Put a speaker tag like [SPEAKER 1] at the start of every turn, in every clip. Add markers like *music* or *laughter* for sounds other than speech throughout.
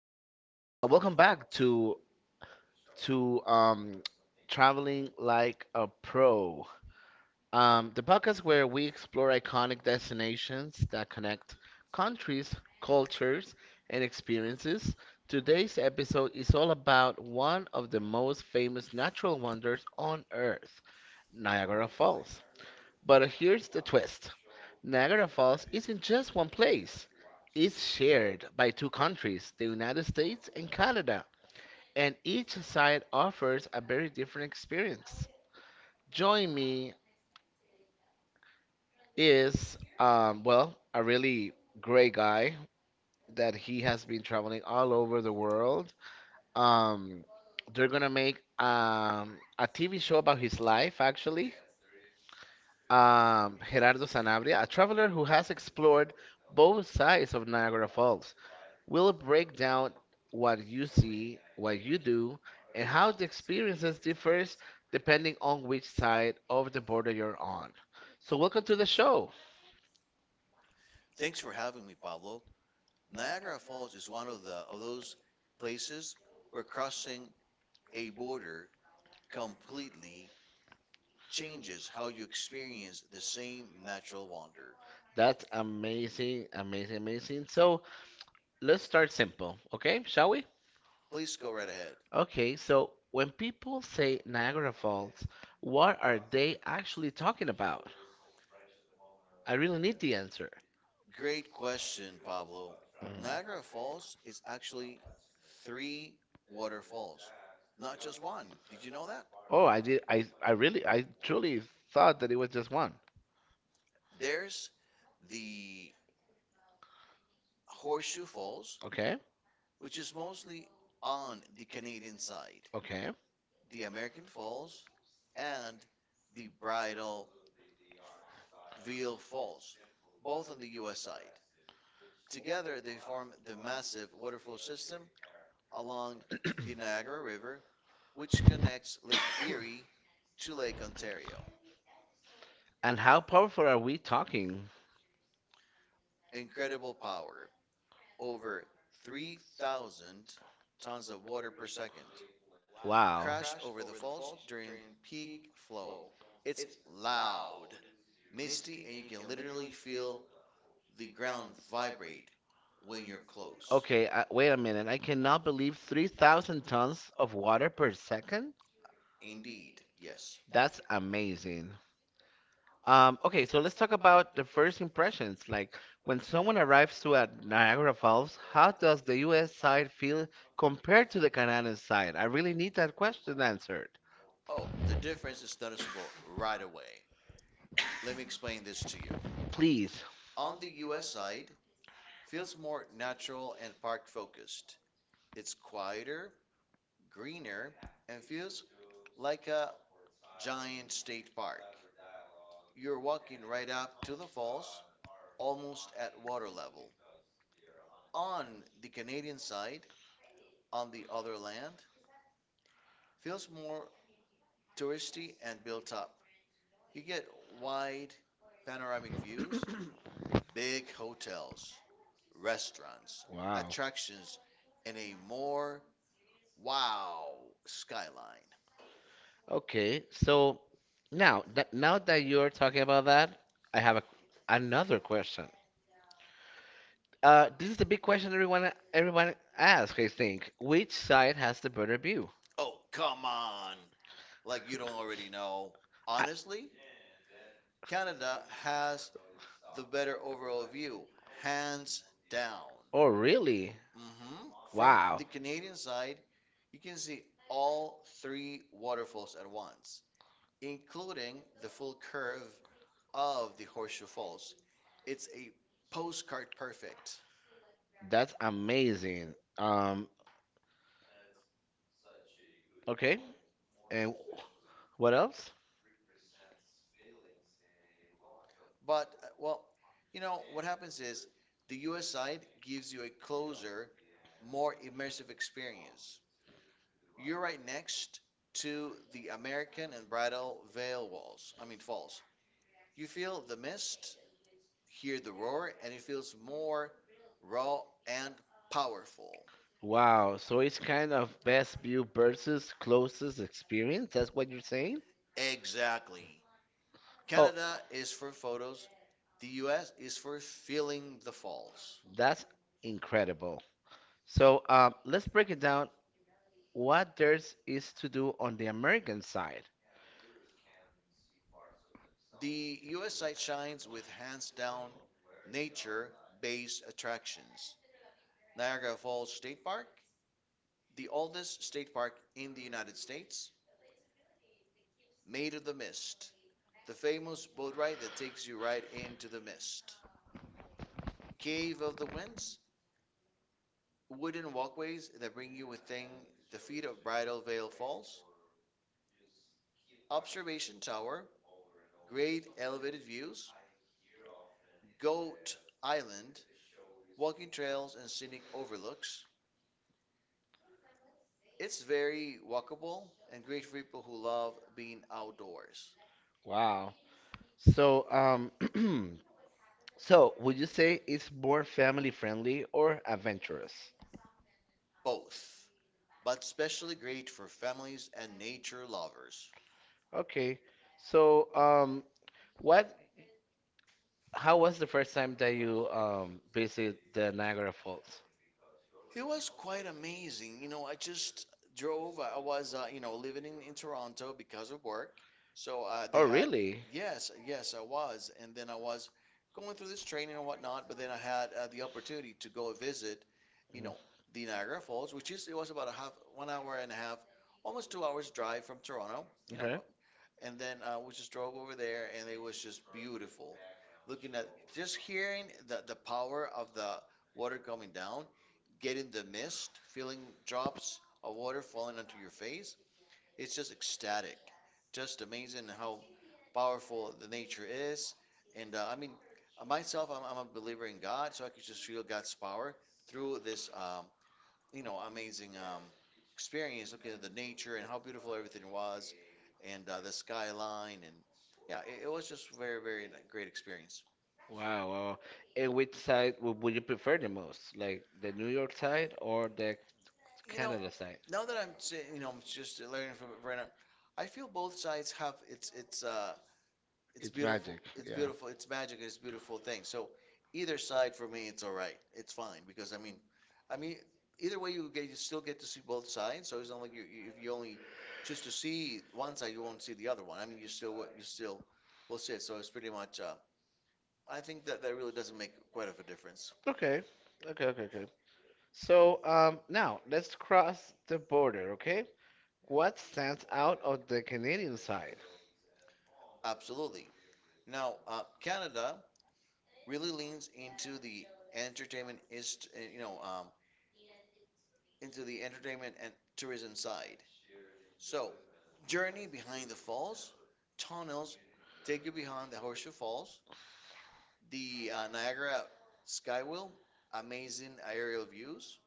[SPEAKER 1] you? Welcome back to Traveling Like a Pro, the podcast where we explore iconic destinations that connect countries, cultures, and experiences. Today's episode is all about one of the most famous natural wonders on Earth, Niagara Falls. But here's the twist: Niagara Falls isn't just one place, it's shared by two countries, the United States and Canada, and each side offers a very different experience. Join me is, well, a really great guy that he has been traveling all over the world. Um, they're gonna make a TV show about his life, actually. Gerardo Sanabria, a traveler who has explored both sides of Niagara Falls, will break down what you see, what you do, and how the experiences differs depending on which side of the border you're on. So welcome to the show.
[SPEAKER 2] Thanks for having me, Pablo. Niagara Falls is one of the of those places where crossing a border completely changes how you experience the same natural wonder.
[SPEAKER 1] That's amazing, amazing, amazing. So let's start simple, okay? Shall we?
[SPEAKER 2] Please go right ahead.
[SPEAKER 1] Okay, so when people say Niagara Falls, what are they actually talking about? I really need the answer.
[SPEAKER 2] Great question, Pablo. Niagara
[SPEAKER 1] Mhm.
[SPEAKER 2] Falls is actually three waterfalls, not just one. Did you know that?
[SPEAKER 1] Oh, I did. I truly thought that it was just one.
[SPEAKER 2] There's the Horseshoe Falls,
[SPEAKER 1] Okay.
[SPEAKER 2] which is mostly on the Canadian side.
[SPEAKER 1] Okay.
[SPEAKER 2] The American Falls and the Bridal Veil Falls, both on the US side. Together, they form the massive waterfall system along the Niagara River, which connects Lake Erie to Lake Ontario.
[SPEAKER 1] And how powerful are we talking?
[SPEAKER 2] Incredible power, over 3,000 tons of water per second,
[SPEAKER 1] Wow.
[SPEAKER 2] crash over the falls during peak flow. It's loud, misty, and you can literally feel the ground vibrate when you're close.
[SPEAKER 1] Okay, wait a minute. I cannot believe 3,000 tons of water per second.
[SPEAKER 2] Okay. Indeed, yes.
[SPEAKER 1] That's amazing. Okay, so let's talk about the first impressions. Like when someone arrives to at Niagara Falls, how does the US side feel compared to the Canadian side? I really need that question answered,
[SPEAKER 2] Oh, the difference is noticeable right away. Let me explain this to you.
[SPEAKER 1] please.
[SPEAKER 2] On the US side, feels more natural and park focused. It's quieter, greener, and feels like a giant state park. You're walking right up to the falls, almost at water level. On the Canadian side, on the other land, feels more touristy and built up. You get wide panoramic views, big hotels, restaurants, attractions, and a more wow skyline.
[SPEAKER 1] Okay, so now that you're talking about that, I have another question. This is the big question everyone asks, I think. Which side has the better view?
[SPEAKER 2] Oh, come on! Like you don't already know.
[SPEAKER 1] I-
[SPEAKER 2] Honestly, Canada has the better overall view, hands down.
[SPEAKER 1] oh, really?
[SPEAKER 2] Hmm. From
[SPEAKER 1] Wow.
[SPEAKER 2] the Canadian side, you can see all three waterfalls at once, including the full curve of the Horseshoe Falls. It's a postcard perfect.
[SPEAKER 1] That's amazing. Okay. And what else?
[SPEAKER 2] But, uh, well, what happens is the US side gives you a closer, more immersive experience. You're right next to the American and Bridal Veil Walls, I mean, falls. You feel the mist, hear the roar, and it feels more raw and powerful.
[SPEAKER 1] Wow. So it's kind of best view versus closest experience. That's what you're saying?
[SPEAKER 2] Exactly.
[SPEAKER 1] Oh,
[SPEAKER 2] Canada is for photos, the US is for feeling the falls.
[SPEAKER 1] that's incredible. So let's break it down. What there is to do on the American side.
[SPEAKER 2] The US side shines with hands down nature based attractions. Niagara Falls State Park, the oldest state park in the United States, Made of the Mist, the famous boat ride that takes you right into the mist. Cave of the Winds, wooden walkways that bring you within the feet of Bridal Veil Falls, Observation Tower, great elevated views, Goat Island, walking trails and scenic overlooks. It's very walkable and great for people who love being outdoors,
[SPEAKER 1] Wow. So *clears throat* would you say it's more family friendly or adventurous?
[SPEAKER 2] both, but especially great for families and nature lovers.
[SPEAKER 1] Okay. So what How was the first time that you visit the Niagara Falls?
[SPEAKER 2] It was quite amazing. You know, I just drove. I was, you know, living in Toronto because of work. So
[SPEAKER 1] Oh,
[SPEAKER 2] they had,
[SPEAKER 1] really?
[SPEAKER 2] yes, yes, I was. And then I was going through this training and whatnot. But then I had the opportunity to go visit, you
[SPEAKER 1] Mm,
[SPEAKER 2] know, the Niagara Falls, which is, it was about a half, 1 hour and a half, almost 2 hours drive from Toronto. You know,
[SPEAKER 1] okay.
[SPEAKER 2] and then we just drove over there, and it was just beautiful. Looking at just hearing the power of the water coming down, getting the mist, feeling drops of water falling onto your face. It's just ecstatic, just amazing how powerful the nature is. And I mean, myself, I'm a believer in God, so I could just feel God's power through this you know, amazing experience looking at the nature and how beautiful everything was and the skyline. And yeah, it was just very great experience.
[SPEAKER 1] Wow, wow, wow. And which side would you prefer the most? Like the New York side or the
[SPEAKER 2] You know,
[SPEAKER 1] Canada side?
[SPEAKER 2] now that I'm saying, you know, I'm just learning from it right now, I feel both sides have its it's beautiful. It's beautiful. It's magic. It's beautiful thing. So either side for me, it's all right. It's fine because I mean, either way you get, you still get to see both sides. So it's not like if you only choose to see one side, you won't see the other one. I mean, you you still will see it. So it's pretty much. I think that really doesn't make quite of a difference.
[SPEAKER 1] Okay. Okay, okay, okay. So, now let's cross the border, okay? What stands out of the Canadian side?
[SPEAKER 2] Absolutely. Now, Canada really leans into the entertainment is, you know, into the entertainment and tourism side. So, journey behind the falls, tunnels take you behind the Horseshoe Falls, the Niagara Skywheel, amazing aerial views,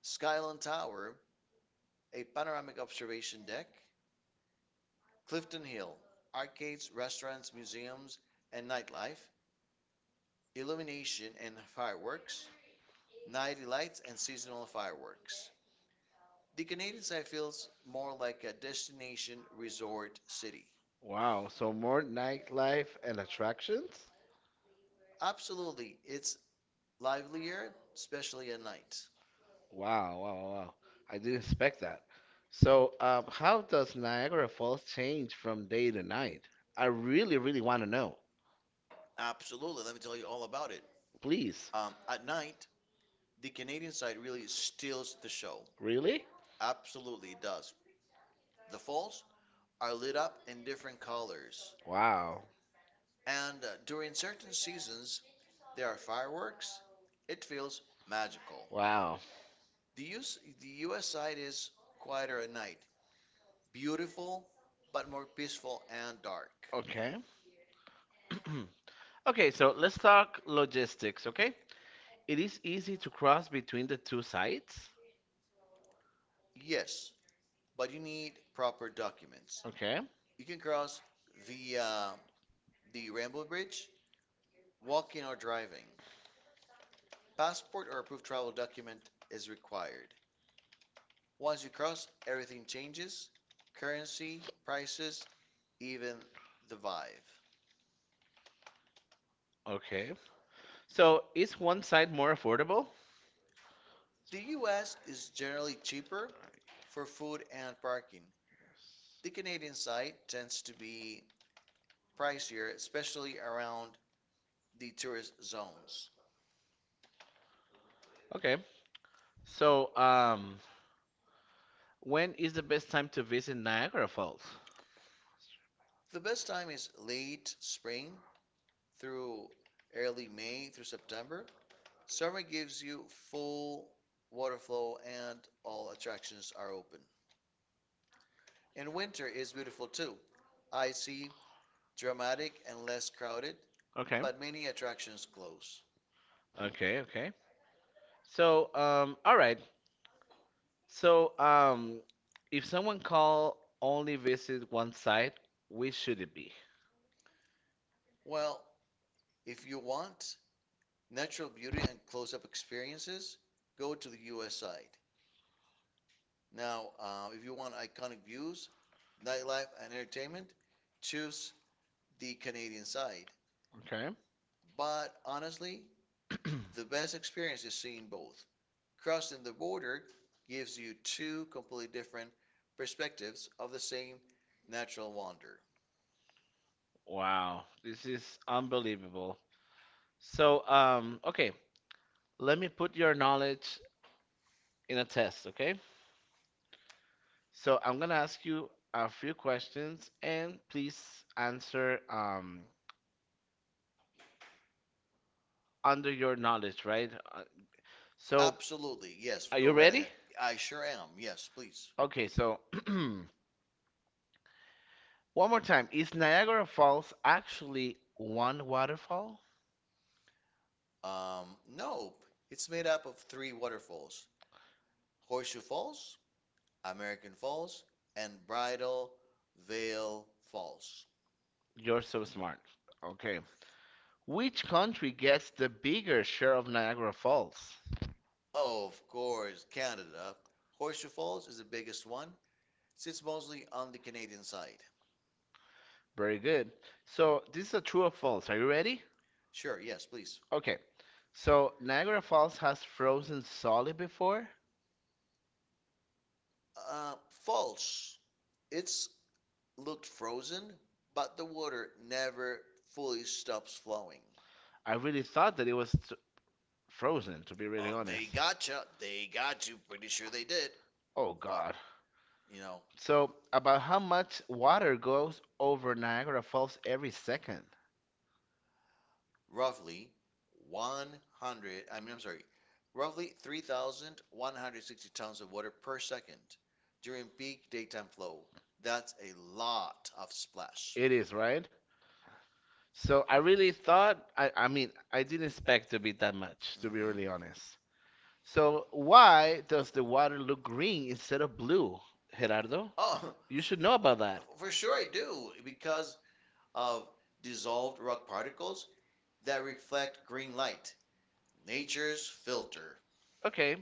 [SPEAKER 2] Skyline Tower, a panoramic observation deck, Clifton Hill, arcades, restaurants, museums, and nightlife, illumination and fireworks, night lights and seasonal fireworks. The Canadian side feels more like a destination resort city.
[SPEAKER 1] Wow, so more nightlife and attractions?
[SPEAKER 2] Absolutely, it's livelier, especially at night.
[SPEAKER 1] Wow, wow, wow. I didn't expect that. So, how does Niagara Falls change from day to night? I really, really want to know.
[SPEAKER 2] Absolutely. Let me tell you all about it.
[SPEAKER 1] Please.
[SPEAKER 2] At night, the Canadian side really steals the show.
[SPEAKER 1] Really?
[SPEAKER 2] Absolutely, it does. The falls are lit up in different colors,
[SPEAKER 1] Wow,
[SPEAKER 2] and during certain seasons, there are fireworks. It feels magical.
[SPEAKER 1] wow.
[SPEAKER 2] The US side is quieter at night, beautiful, but more peaceful and dark.
[SPEAKER 1] Okay. *clears throat* Okay, so let's talk logistics, okay? It is easy to cross between the two sites?
[SPEAKER 2] Yes, but you need proper documents.
[SPEAKER 1] Okay,
[SPEAKER 2] You can cross the the Rainbow Bridge? Walking or driving? Passport or approved travel document is required. Once you cross, everything changes currency, prices, even the vibe.
[SPEAKER 1] okay. So, is one side more affordable?
[SPEAKER 2] The US is generally cheaper for food and parking. The Canadian side tends to be pricier, especially around the tourist zones.
[SPEAKER 1] Okay. So, when is the best time to visit Niagara Falls?
[SPEAKER 2] The best time is late spring through early May through September. Summer gives you full water flow and all attractions are open. And winter is beautiful too. Icy, dramatic, and less crowded, okay,
[SPEAKER 1] Okay.
[SPEAKER 2] but many attractions close.
[SPEAKER 1] Okay, okay. So, all right. So, if someone call only visit one site, which should it be?
[SPEAKER 2] Well, if you want natural beauty and close up experiences, go to the US side. Now, if you want iconic views, nightlife, and entertainment, choose the Canadian side.
[SPEAKER 1] Okay.
[SPEAKER 2] But honestly, the best experience is seeing both. Crossing the border gives you two completely different perspectives of the same natural wonder.
[SPEAKER 1] Wow, this is unbelievable. So, okay, let me put your knowledge in a test, okay? So, I'm gonna ask you a few questions and please answer under your knowledge, right?
[SPEAKER 2] So
[SPEAKER 1] So,
[SPEAKER 2] absolutely, yes,
[SPEAKER 1] are
[SPEAKER 2] go
[SPEAKER 1] you
[SPEAKER 2] right
[SPEAKER 1] ready?
[SPEAKER 2] ahead. I sure am, yes, please.
[SPEAKER 1] Okay, so *clears throat* one more time. Is Niagara Falls actually one waterfall?
[SPEAKER 2] No, it's made up of three waterfalls: Horseshoe Falls, American Falls, and Bridal Veil Falls.
[SPEAKER 1] You're so smart. Okay. Which country gets the bigger share of Niagara Falls?
[SPEAKER 2] Oh, of course, Canada. Horseshoe Falls is the biggest one, sits mostly on the Canadian side.
[SPEAKER 1] Very good. So, this is a true or false. Are you ready?
[SPEAKER 2] Sure, yes, please.
[SPEAKER 1] Okay. So, Niagara Falls has frozen solid before?
[SPEAKER 2] Uh, False. It's looked frozen, but the water never fully stops flowing.
[SPEAKER 1] I really thought that it was frozen, to be really
[SPEAKER 2] They
[SPEAKER 1] honest.
[SPEAKER 2] gotcha. They got you. Pretty sure they did.
[SPEAKER 1] Oh,
[SPEAKER 2] But,
[SPEAKER 1] God.
[SPEAKER 2] you know,
[SPEAKER 1] So, about how much water goes over Niagara Falls every second?
[SPEAKER 2] roughly 100, I mean, I'm sorry, roughly 3,160 tons of water per second during peak daytime flow. That's a lot of splash.
[SPEAKER 1] It is, right? So I really thought, I mean, I didn't expect to be that much, to be really
[SPEAKER 2] Mhm.
[SPEAKER 1] honest. So why does the water look green instead of blue, Gerardo?
[SPEAKER 2] Honest. Oh,
[SPEAKER 1] You should know about that.
[SPEAKER 2] for sure, I do because of dissolved rock particles that reflect green light, nature's filter.
[SPEAKER 1] Okay,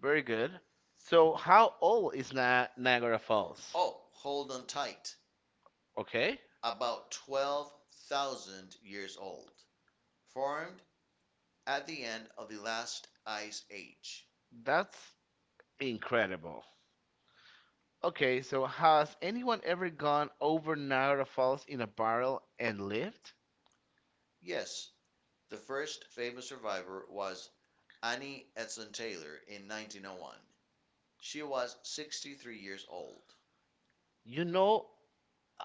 [SPEAKER 1] very good. So how old is Na Niagara Falls?
[SPEAKER 2] Oh, hold on tight.
[SPEAKER 1] Okay,
[SPEAKER 2] About 12,000 years old. Formed at the end of the last ice age.
[SPEAKER 1] that's incredible. Okay, so has anyone ever gone over Niagara Falls in a barrel and lived?
[SPEAKER 2] Yes, the first famous survivor was Annie Edson Taylor in 1901. She was 63 years old.
[SPEAKER 1] You know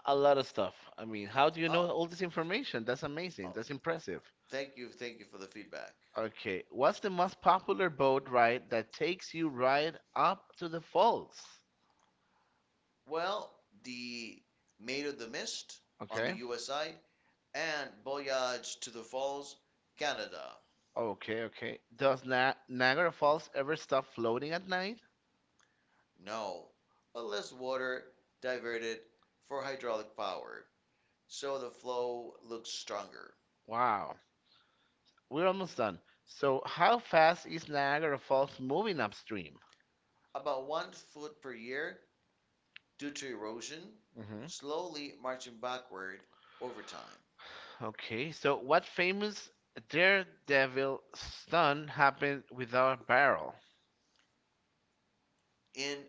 [SPEAKER 1] a lot of stuff. I mean,
[SPEAKER 2] How
[SPEAKER 1] how
[SPEAKER 2] do
[SPEAKER 1] do
[SPEAKER 2] you
[SPEAKER 1] you
[SPEAKER 2] know?
[SPEAKER 1] know all this information? That's
[SPEAKER 2] Oh,
[SPEAKER 1] amazing.
[SPEAKER 2] oh,
[SPEAKER 1] That's impressive.
[SPEAKER 2] thank you for the feedback.
[SPEAKER 1] Okay, what's the most popular boat ride that takes you right up to the falls?
[SPEAKER 2] Well, the Maid of the Mist on the
[SPEAKER 1] Okay,
[SPEAKER 2] US side and Voyage to the Falls, Canada.
[SPEAKER 1] okay, okay. Does Na Niagara Falls ever stop floating at night?
[SPEAKER 2] No, unless water diverted for hydraulic power, so the flow looks stronger.
[SPEAKER 1] Wow, we're almost done. So, how fast is Niagara Falls moving upstream?
[SPEAKER 2] About 1 foot per year due to erosion,
[SPEAKER 1] Hmm.
[SPEAKER 2] slowly marching backward over time.
[SPEAKER 1] Okay, so what famous daredevil stunt happened with our barrel?
[SPEAKER 2] In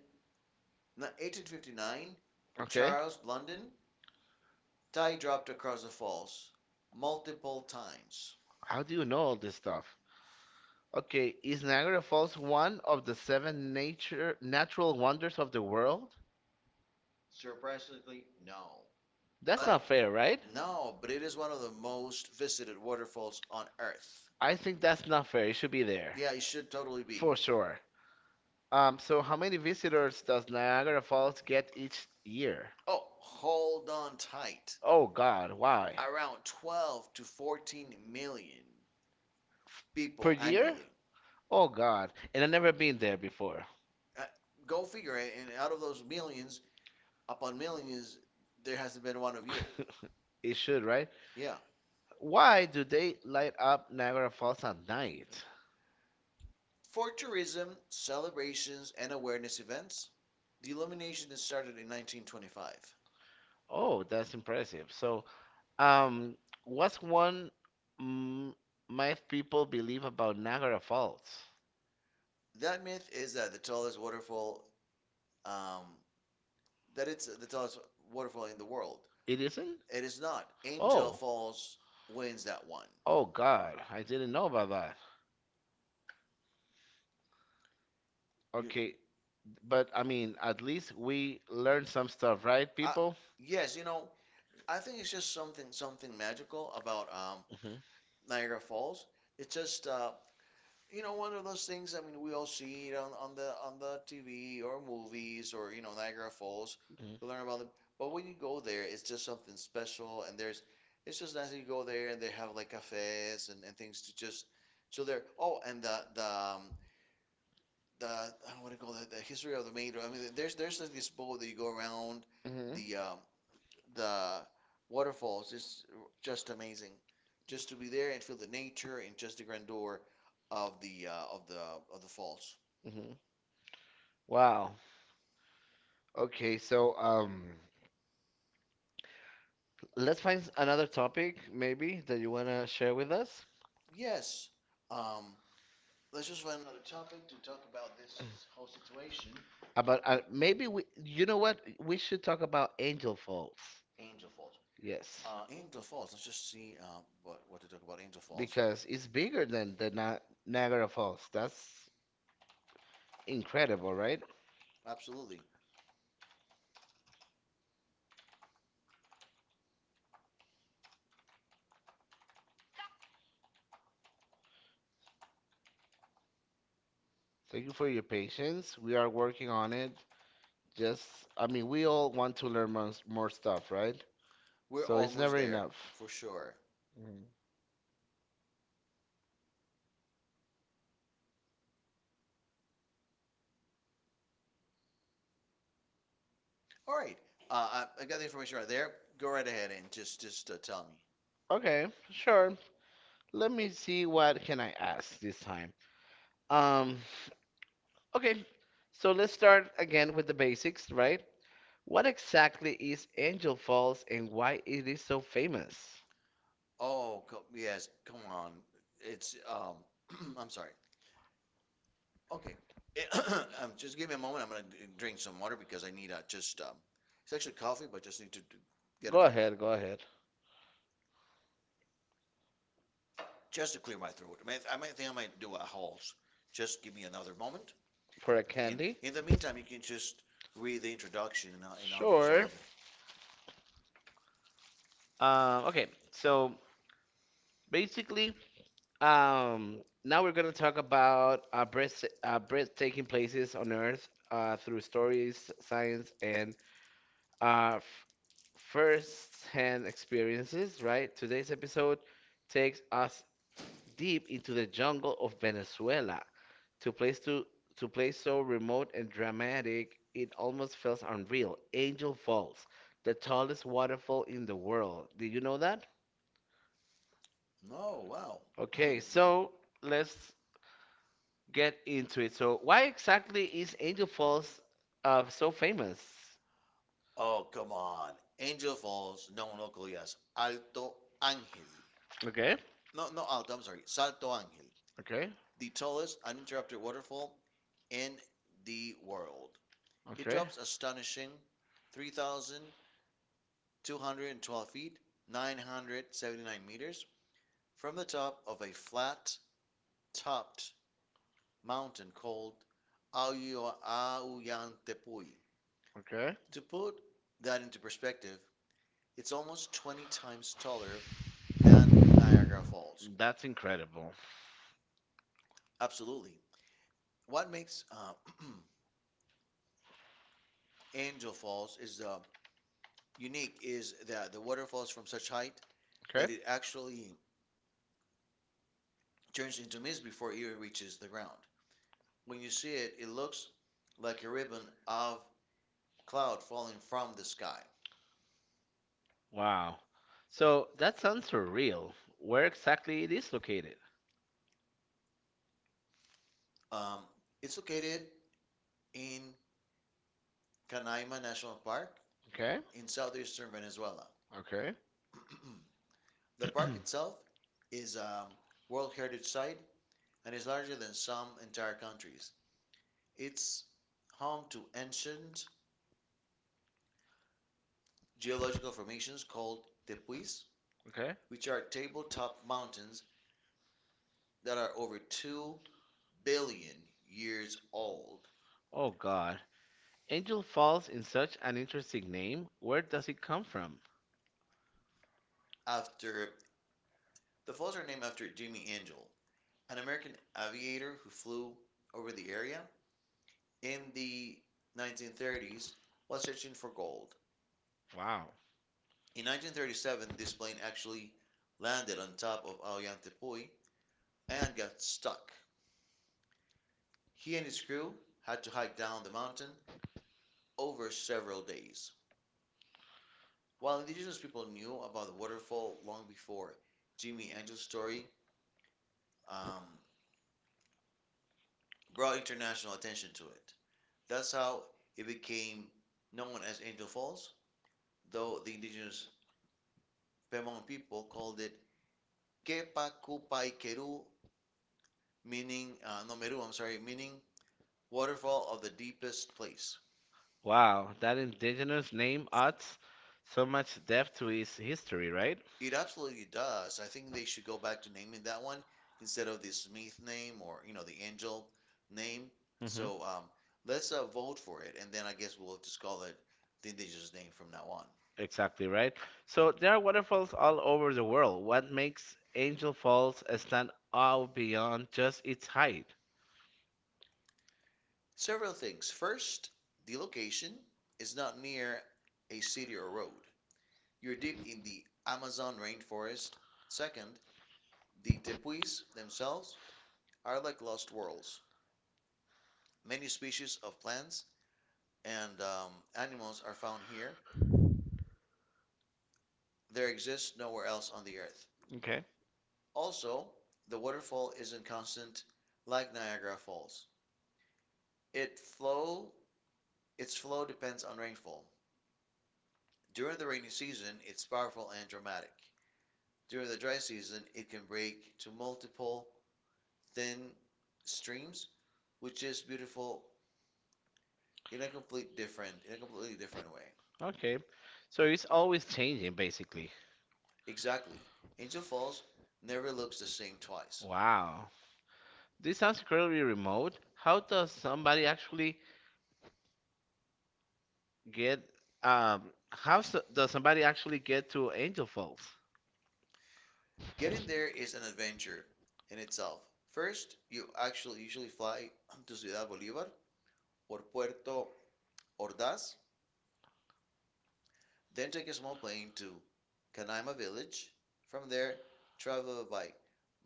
[SPEAKER 2] 1859,
[SPEAKER 1] Okay,
[SPEAKER 2] Charles Blunden tie dropped across the falls multiple times.
[SPEAKER 1] how do you know all this stuff? Okay, is Niagara Falls one of the seven nature natural wonders of the world?
[SPEAKER 2] No.
[SPEAKER 1] That's not
[SPEAKER 2] But
[SPEAKER 1] fair, right?
[SPEAKER 2] no, but it is one of the most visited waterfalls on Earth.
[SPEAKER 1] I think that's not fair. It should be there.
[SPEAKER 2] Yeah, it should totally be.
[SPEAKER 1] For sure. So how many visitors does Niagara Falls get each year?
[SPEAKER 2] Oh, hold on tight.
[SPEAKER 1] Oh God, why?
[SPEAKER 2] Around 12 to 14 million people
[SPEAKER 1] Per year?
[SPEAKER 2] annually.
[SPEAKER 1] Oh God, and I've never been there before.
[SPEAKER 2] Uh, go figure it. And out of those millions, upon millions,
[SPEAKER 1] *laughs* *laughs*
[SPEAKER 2] there hasn't been one of you.
[SPEAKER 1] you. It should, right?
[SPEAKER 2] Yeah.
[SPEAKER 1] Why do they light up Niagara Falls at night?
[SPEAKER 2] For tourism, celebrations, and awareness events, the illumination is started in 1925.
[SPEAKER 1] Oh, that's impressive. So, um, what's one mm, myth people believe about Niagara Falls?
[SPEAKER 2] That myth is that the tallest waterfall, um, that it's the tallest waterfall in the world.
[SPEAKER 1] It isn't?
[SPEAKER 2] It is not. Angel
[SPEAKER 1] Oh,
[SPEAKER 2] Falls wins that one.
[SPEAKER 1] oh God, I didn't know about that.
[SPEAKER 2] You,
[SPEAKER 1] Okay, but I mean, at least we learned some stuff, right,
[SPEAKER 2] I,
[SPEAKER 1] people?
[SPEAKER 2] yes, you know, I think it's just something magical about
[SPEAKER 1] Hmm.
[SPEAKER 2] Niagara Falls. It's just you know, one of those things. I mean, we all see it on, on the TV or movies or you know Niagara Falls. We
[SPEAKER 1] Hmm.
[SPEAKER 2] learn about them, but when you go there, it's just something special, and there's it's just nice that you go there and they have like cafes and things to just chill there. Oh, and the I don't want to call it the history of the Maid. I mean, there's like this boat that you go around
[SPEAKER 1] the
[SPEAKER 2] the the waterfalls is just amazing. Just to be there and feel the nature and just the grandeur of the of the falls.
[SPEAKER 1] Hmm. Wow. Okay, so let's find another topic maybe that you wanna share with us.
[SPEAKER 2] Yes. Um, let's just find another topic to talk about this whole situation.
[SPEAKER 1] About maybe we. You know what? We should talk about Angel Falls. Yes,
[SPEAKER 2] Angel Falls. Let's just see what to talk about Angel Falls.
[SPEAKER 1] because it's bigger than the Na Niagara Falls. That's incredible, right?
[SPEAKER 2] Absolutely.
[SPEAKER 1] Thank you for your patience. We are working on it. Just, I mean, we all want to learn more, more stuff, right?
[SPEAKER 2] We're So it's
[SPEAKER 1] So it's
[SPEAKER 2] almost
[SPEAKER 1] never
[SPEAKER 2] there
[SPEAKER 1] enough.
[SPEAKER 2] for sure.
[SPEAKER 1] Mhm.
[SPEAKER 2] All right. I got the information right there. Go right ahead and just tell me.
[SPEAKER 1] Okay, sure. Let me see what can I ask this time. Um, Okay, so let's start again with the basics, right? What exactly is Angel Falls and why it is so famous?
[SPEAKER 2] Oh, co yes. Come on. It's. *clears throat* I'm sorry. Okay. *coughs* *clears throat* Just give me a moment. I'm gonna drink some water because I need just. It's actually coffee, but just need to get a
[SPEAKER 1] Go
[SPEAKER 2] drink.
[SPEAKER 1] ahead, go ahead.
[SPEAKER 2] Just to clear my throat. I might think I might do a Halls. Just give me another moment.
[SPEAKER 1] For a
[SPEAKER 2] And
[SPEAKER 1] candy?
[SPEAKER 2] in the meantime, you can just read the introduction, and I'll sure start with the.
[SPEAKER 1] Sure. Okay, so basically, um, now we're gonna talk about breathtaking places on Earth through stories, science, and uh, f- first-hand experiences. Right? Today's episode takes us deep into the jungle of Venezuela, to place so remote and dramatic it almost feels unreal. Angel Falls, the tallest waterfall in the world. Did you know that?
[SPEAKER 2] No, wow.
[SPEAKER 1] Okay,
[SPEAKER 2] *clears throat*
[SPEAKER 1] so let's get into it. So why exactly is Angel Falls so famous?
[SPEAKER 2] Oh, come on. Angel Falls, known locally, yes, as Alto Ángel.
[SPEAKER 1] Okay,
[SPEAKER 2] No, no, Alto, I'm sorry. Salto Ángel.
[SPEAKER 1] okay,
[SPEAKER 2] The tallest uninterrupted waterfall in the world. It
[SPEAKER 1] okay,
[SPEAKER 2] drops astonishing 3,212 feet, 979 meters, from the top of a flat-topped mountain called Aoyantepuy.
[SPEAKER 1] okay.
[SPEAKER 2] To put that into perspective, it's almost 20 times taller than Niagara Falls.
[SPEAKER 1] That's incredible.
[SPEAKER 2] Absolutely. What makes *clears throat* Angel Falls is unique is that the water falls from such height that
[SPEAKER 1] Okay.
[SPEAKER 2] it actually turns into mist before it even reaches the ground. When you see it, it looks like a ribbon of cloud falling from the sky.
[SPEAKER 1] Wow. So that sounds surreal. Where exactly it is located?
[SPEAKER 2] Um, it's located in Canaima National Park
[SPEAKER 1] Okay,
[SPEAKER 2] in southeastern Venezuela.
[SPEAKER 1] okay,
[SPEAKER 2] *clears throat* The park itself is a World Heritage Site and is larger than some entire countries. It's home to ancient geological formations called tepuis,
[SPEAKER 1] okay.
[SPEAKER 2] which are tabletop mountains that are over 2 billion years old.
[SPEAKER 1] Oh God. Angel Falls in such an interesting name. Where does it come from?
[SPEAKER 2] After the falls are named after Jimmy Angel, an American aviator who flew over the area in the 1930s while searching for gold.
[SPEAKER 1] Wow.
[SPEAKER 2] In 1937, this plane actually landed on top of Ollantaytambo and got stuck. He and his crew had to hike down the mountain over several days. While indigenous people knew about the waterfall long before Jimmy Angel's story um, brought international attention to it, that's how it became known as Angel Falls, though the indigenous Pemon people called it Kepa Kupai Keru, meaning no Meru, I'm sorry, meaning waterfall of the deepest place.
[SPEAKER 1] Wow, that indigenous name adds so much depth to its history, right?
[SPEAKER 2] It absolutely does. I think they should go back to naming that one instead of the Smith name, or you know, the angel name.
[SPEAKER 1] Mm-hmm.
[SPEAKER 2] So let's vote for it, and then I guess we'll just call it the indigenous name from now on.
[SPEAKER 1] Exactly right. So there are waterfalls all over the world. What makes Angel Falls stand out beyond just its height?
[SPEAKER 2] Several things. First, the location is not near a city or road. You're deep in the Amazon rainforest. Second, the tepuis themselves are like lost worlds. Many species of plants and animals are found here. There exists nowhere else on the earth.
[SPEAKER 1] Okay.
[SPEAKER 2] Also, the waterfall isn't constant like Niagara Falls. It flow, its flow depends on rainfall. During the rainy season, it's powerful and dramatic. During the dry season, it can break to multiple thin streams, which is beautiful in a completely different way.
[SPEAKER 1] Okay. So it's always changing, basically.
[SPEAKER 2] Exactly. Angel Falls never looks the same twice.
[SPEAKER 1] Wow. This sounds incredibly remote. How does somebody actually get um how so, does somebody actually get to Angel Falls?
[SPEAKER 2] Getting there is an adventure in itself. First, you actually usually fly *clears throat* to Ciudad Bolívar or Puerto Ordaz, then take a small plane to Canaima village. From there, travel by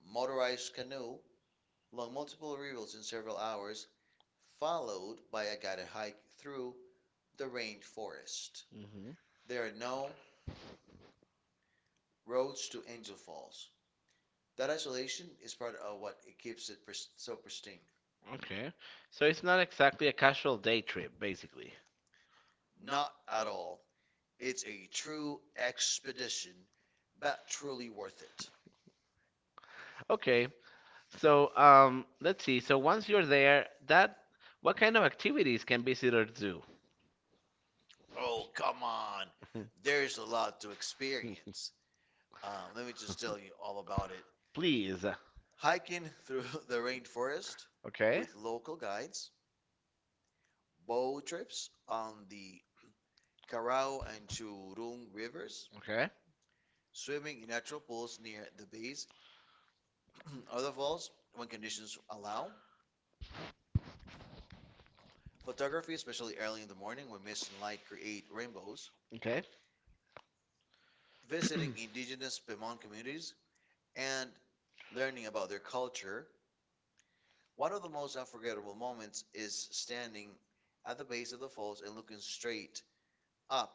[SPEAKER 2] motorized canoe along multiple rivers in several hours, followed by a guided hike through the rainforest.
[SPEAKER 1] Hmm.
[SPEAKER 2] There are no roads to Angel Falls. That isolation is part of what it keeps it so pristine.
[SPEAKER 1] Okay. So it's not exactly a casual day trip, basically.
[SPEAKER 2] Not at all. It's a true expedition, but truly worth it.
[SPEAKER 1] Okay. So let's see. So once you're there, that what kind of activities can visitors do?
[SPEAKER 2] Oh, come on. There's a
[SPEAKER 1] *laughs*
[SPEAKER 2] lot to experience. Let me just tell you all about it.
[SPEAKER 1] Please.
[SPEAKER 2] Hiking through *laughs* the rainforest, okay,
[SPEAKER 1] Okay.
[SPEAKER 2] with local guides, boat trips on the *clears throat* Carao and Churung rivers,
[SPEAKER 1] Okay.
[SPEAKER 2] swimming in natural pools near the bays, *clears throat* other falls when conditions allow, photography, especially early in the morning when mist and light create rainbows,
[SPEAKER 1] Okay.
[SPEAKER 2] visiting indigenous Pemon communities, and learning about their culture. One of the most unforgettable moments is standing at the base of the falls and looking straight up.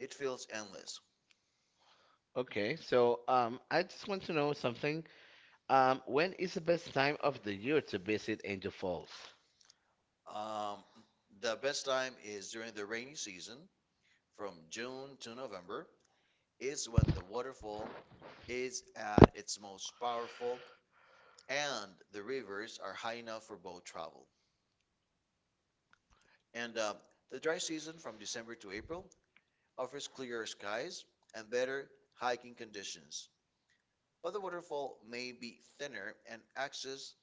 [SPEAKER 2] It feels endless.
[SPEAKER 1] Okay. So, I just want to know something. When is the best time of the year to visit Angel Falls?
[SPEAKER 2] Um, the best time is during the rainy season from June to November. It's when the waterfall is at its most powerful and the rivers are high enough for boat travel. And the dry season from December to April offers clearer skies and better hiking conditions, but the waterfall may be thinner and access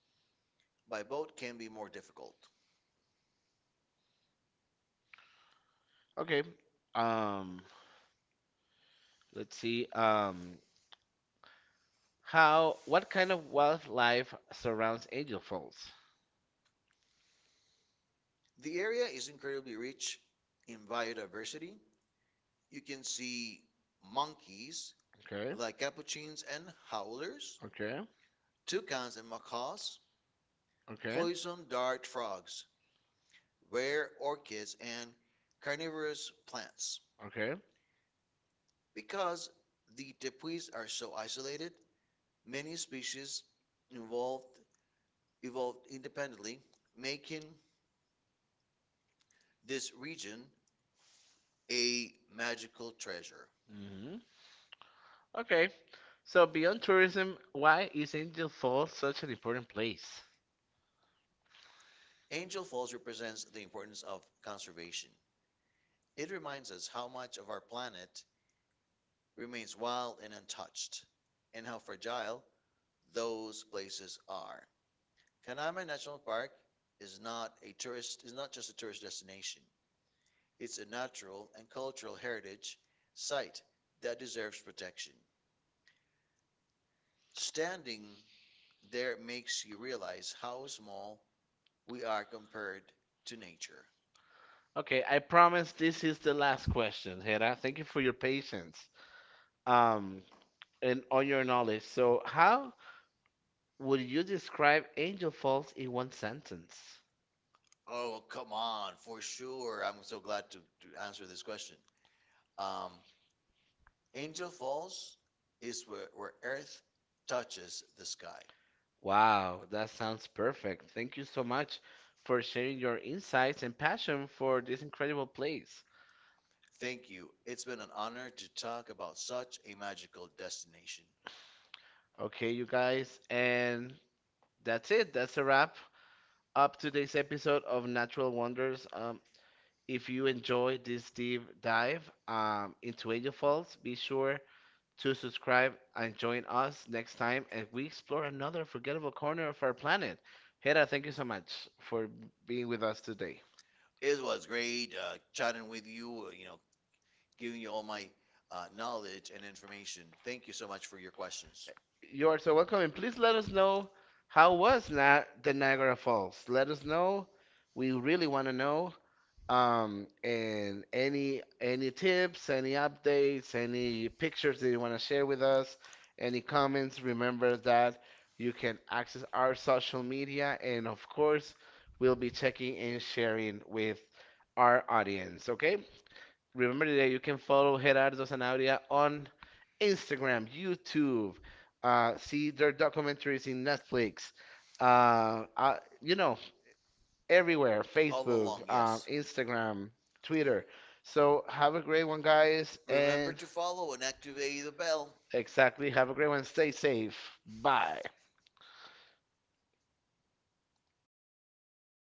[SPEAKER 2] by boat can be more difficult.
[SPEAKER 1] Okay. Um, let's see. What kind of wildlife surrounds Angel Falls?
[SPEAKER 2] The area is incredibly rich in biodiversity. You can see monkeys
[SPEAKER 1] Okay. Okay.
[SPEAKER 2] like capuchins and howlers,
[SPEAKER 1] Okay.
[SPEAKER 2] toucans and macaws, poison dart frogs, rare orchids, and carnivorous plants.
[SPEAKER 1] Okay.
[SPEAKER 2] Because the tepuis are so isolated, many species involved evolved independently, making this region a magical treasure.
[SPEAKER 1] Hmm. Okay. So beyond tourism, why is Angel Falls such an important place?
[SPEAKER 2] Angel Falls represents the importance of conservation. It reminds us how much of our planet remains wild and untouched, and how fragile those places are. Kaname National Park is not just a tourist destination. It's a natural and cultural heritage site that deserves protection. Standing there makes you realize how small we are compared to nature.
[SPEAKER 1] Okay, I promise this is the last question, Hera. Thank you for your patience. Um, and all your knowledge. So, how would you describe Angel Falls in one sentence?
[SPEAKER 2] Oh, come on, for sure. I'm so glad to answer this question. Um, Angel Falls is where Earth touches the sky.
[SPEAKER 1] Wow, that sounds perfect. Thank you so much for sharing your insights and passion for this incredible place.
[SPEAKER 2] Thank you. It's been an honor to talk about such a magical destination.
[SPEAKER 1] Okay, you guys, and that's it. That's a wrap up today's episode of Natural Wonders. If you enjoyed this deep dive into Angel Falls, be sure to subscribe and join us next time as we explore another forgettable corner of our planet. Hera, thank you so much for being with us today.
[SPEAKER 2] It was great chatting with you, giving you all my knowledge and information. Thank you so much for your questions.
[SPEAKER 1] You are so welcome, and please let us know how was the Niagara Falls. Let us know. We really want to know. And any tips, any updates, any pictures that you want to share with us, any comments, remember that you can access our social media, and of course, we'll be checking and sharing with our audience. Okay? Remember that you can follow Gerardo Zanauria on Instagram, YouTube, see their documentaries in Netflix. Uh, uh, you know,
[SPEAKER 2] Everywhere.
[SPEAKER 1] everywhere
[SPEAKER 2] Facebook, all along,
[SPEAKER 1] Facebook,
[SPEAKER 2] yes, on Instagram.
[SPEAKER 1] Instagram, Twitter. So have a great one, guys,
[SPEAKER 2] Remember
[SPEAKER 1] and
[SPEAKER 2] to follow and activate the bell.
[SPEAKER 1] exactly have a great one. Stay safe. Bye.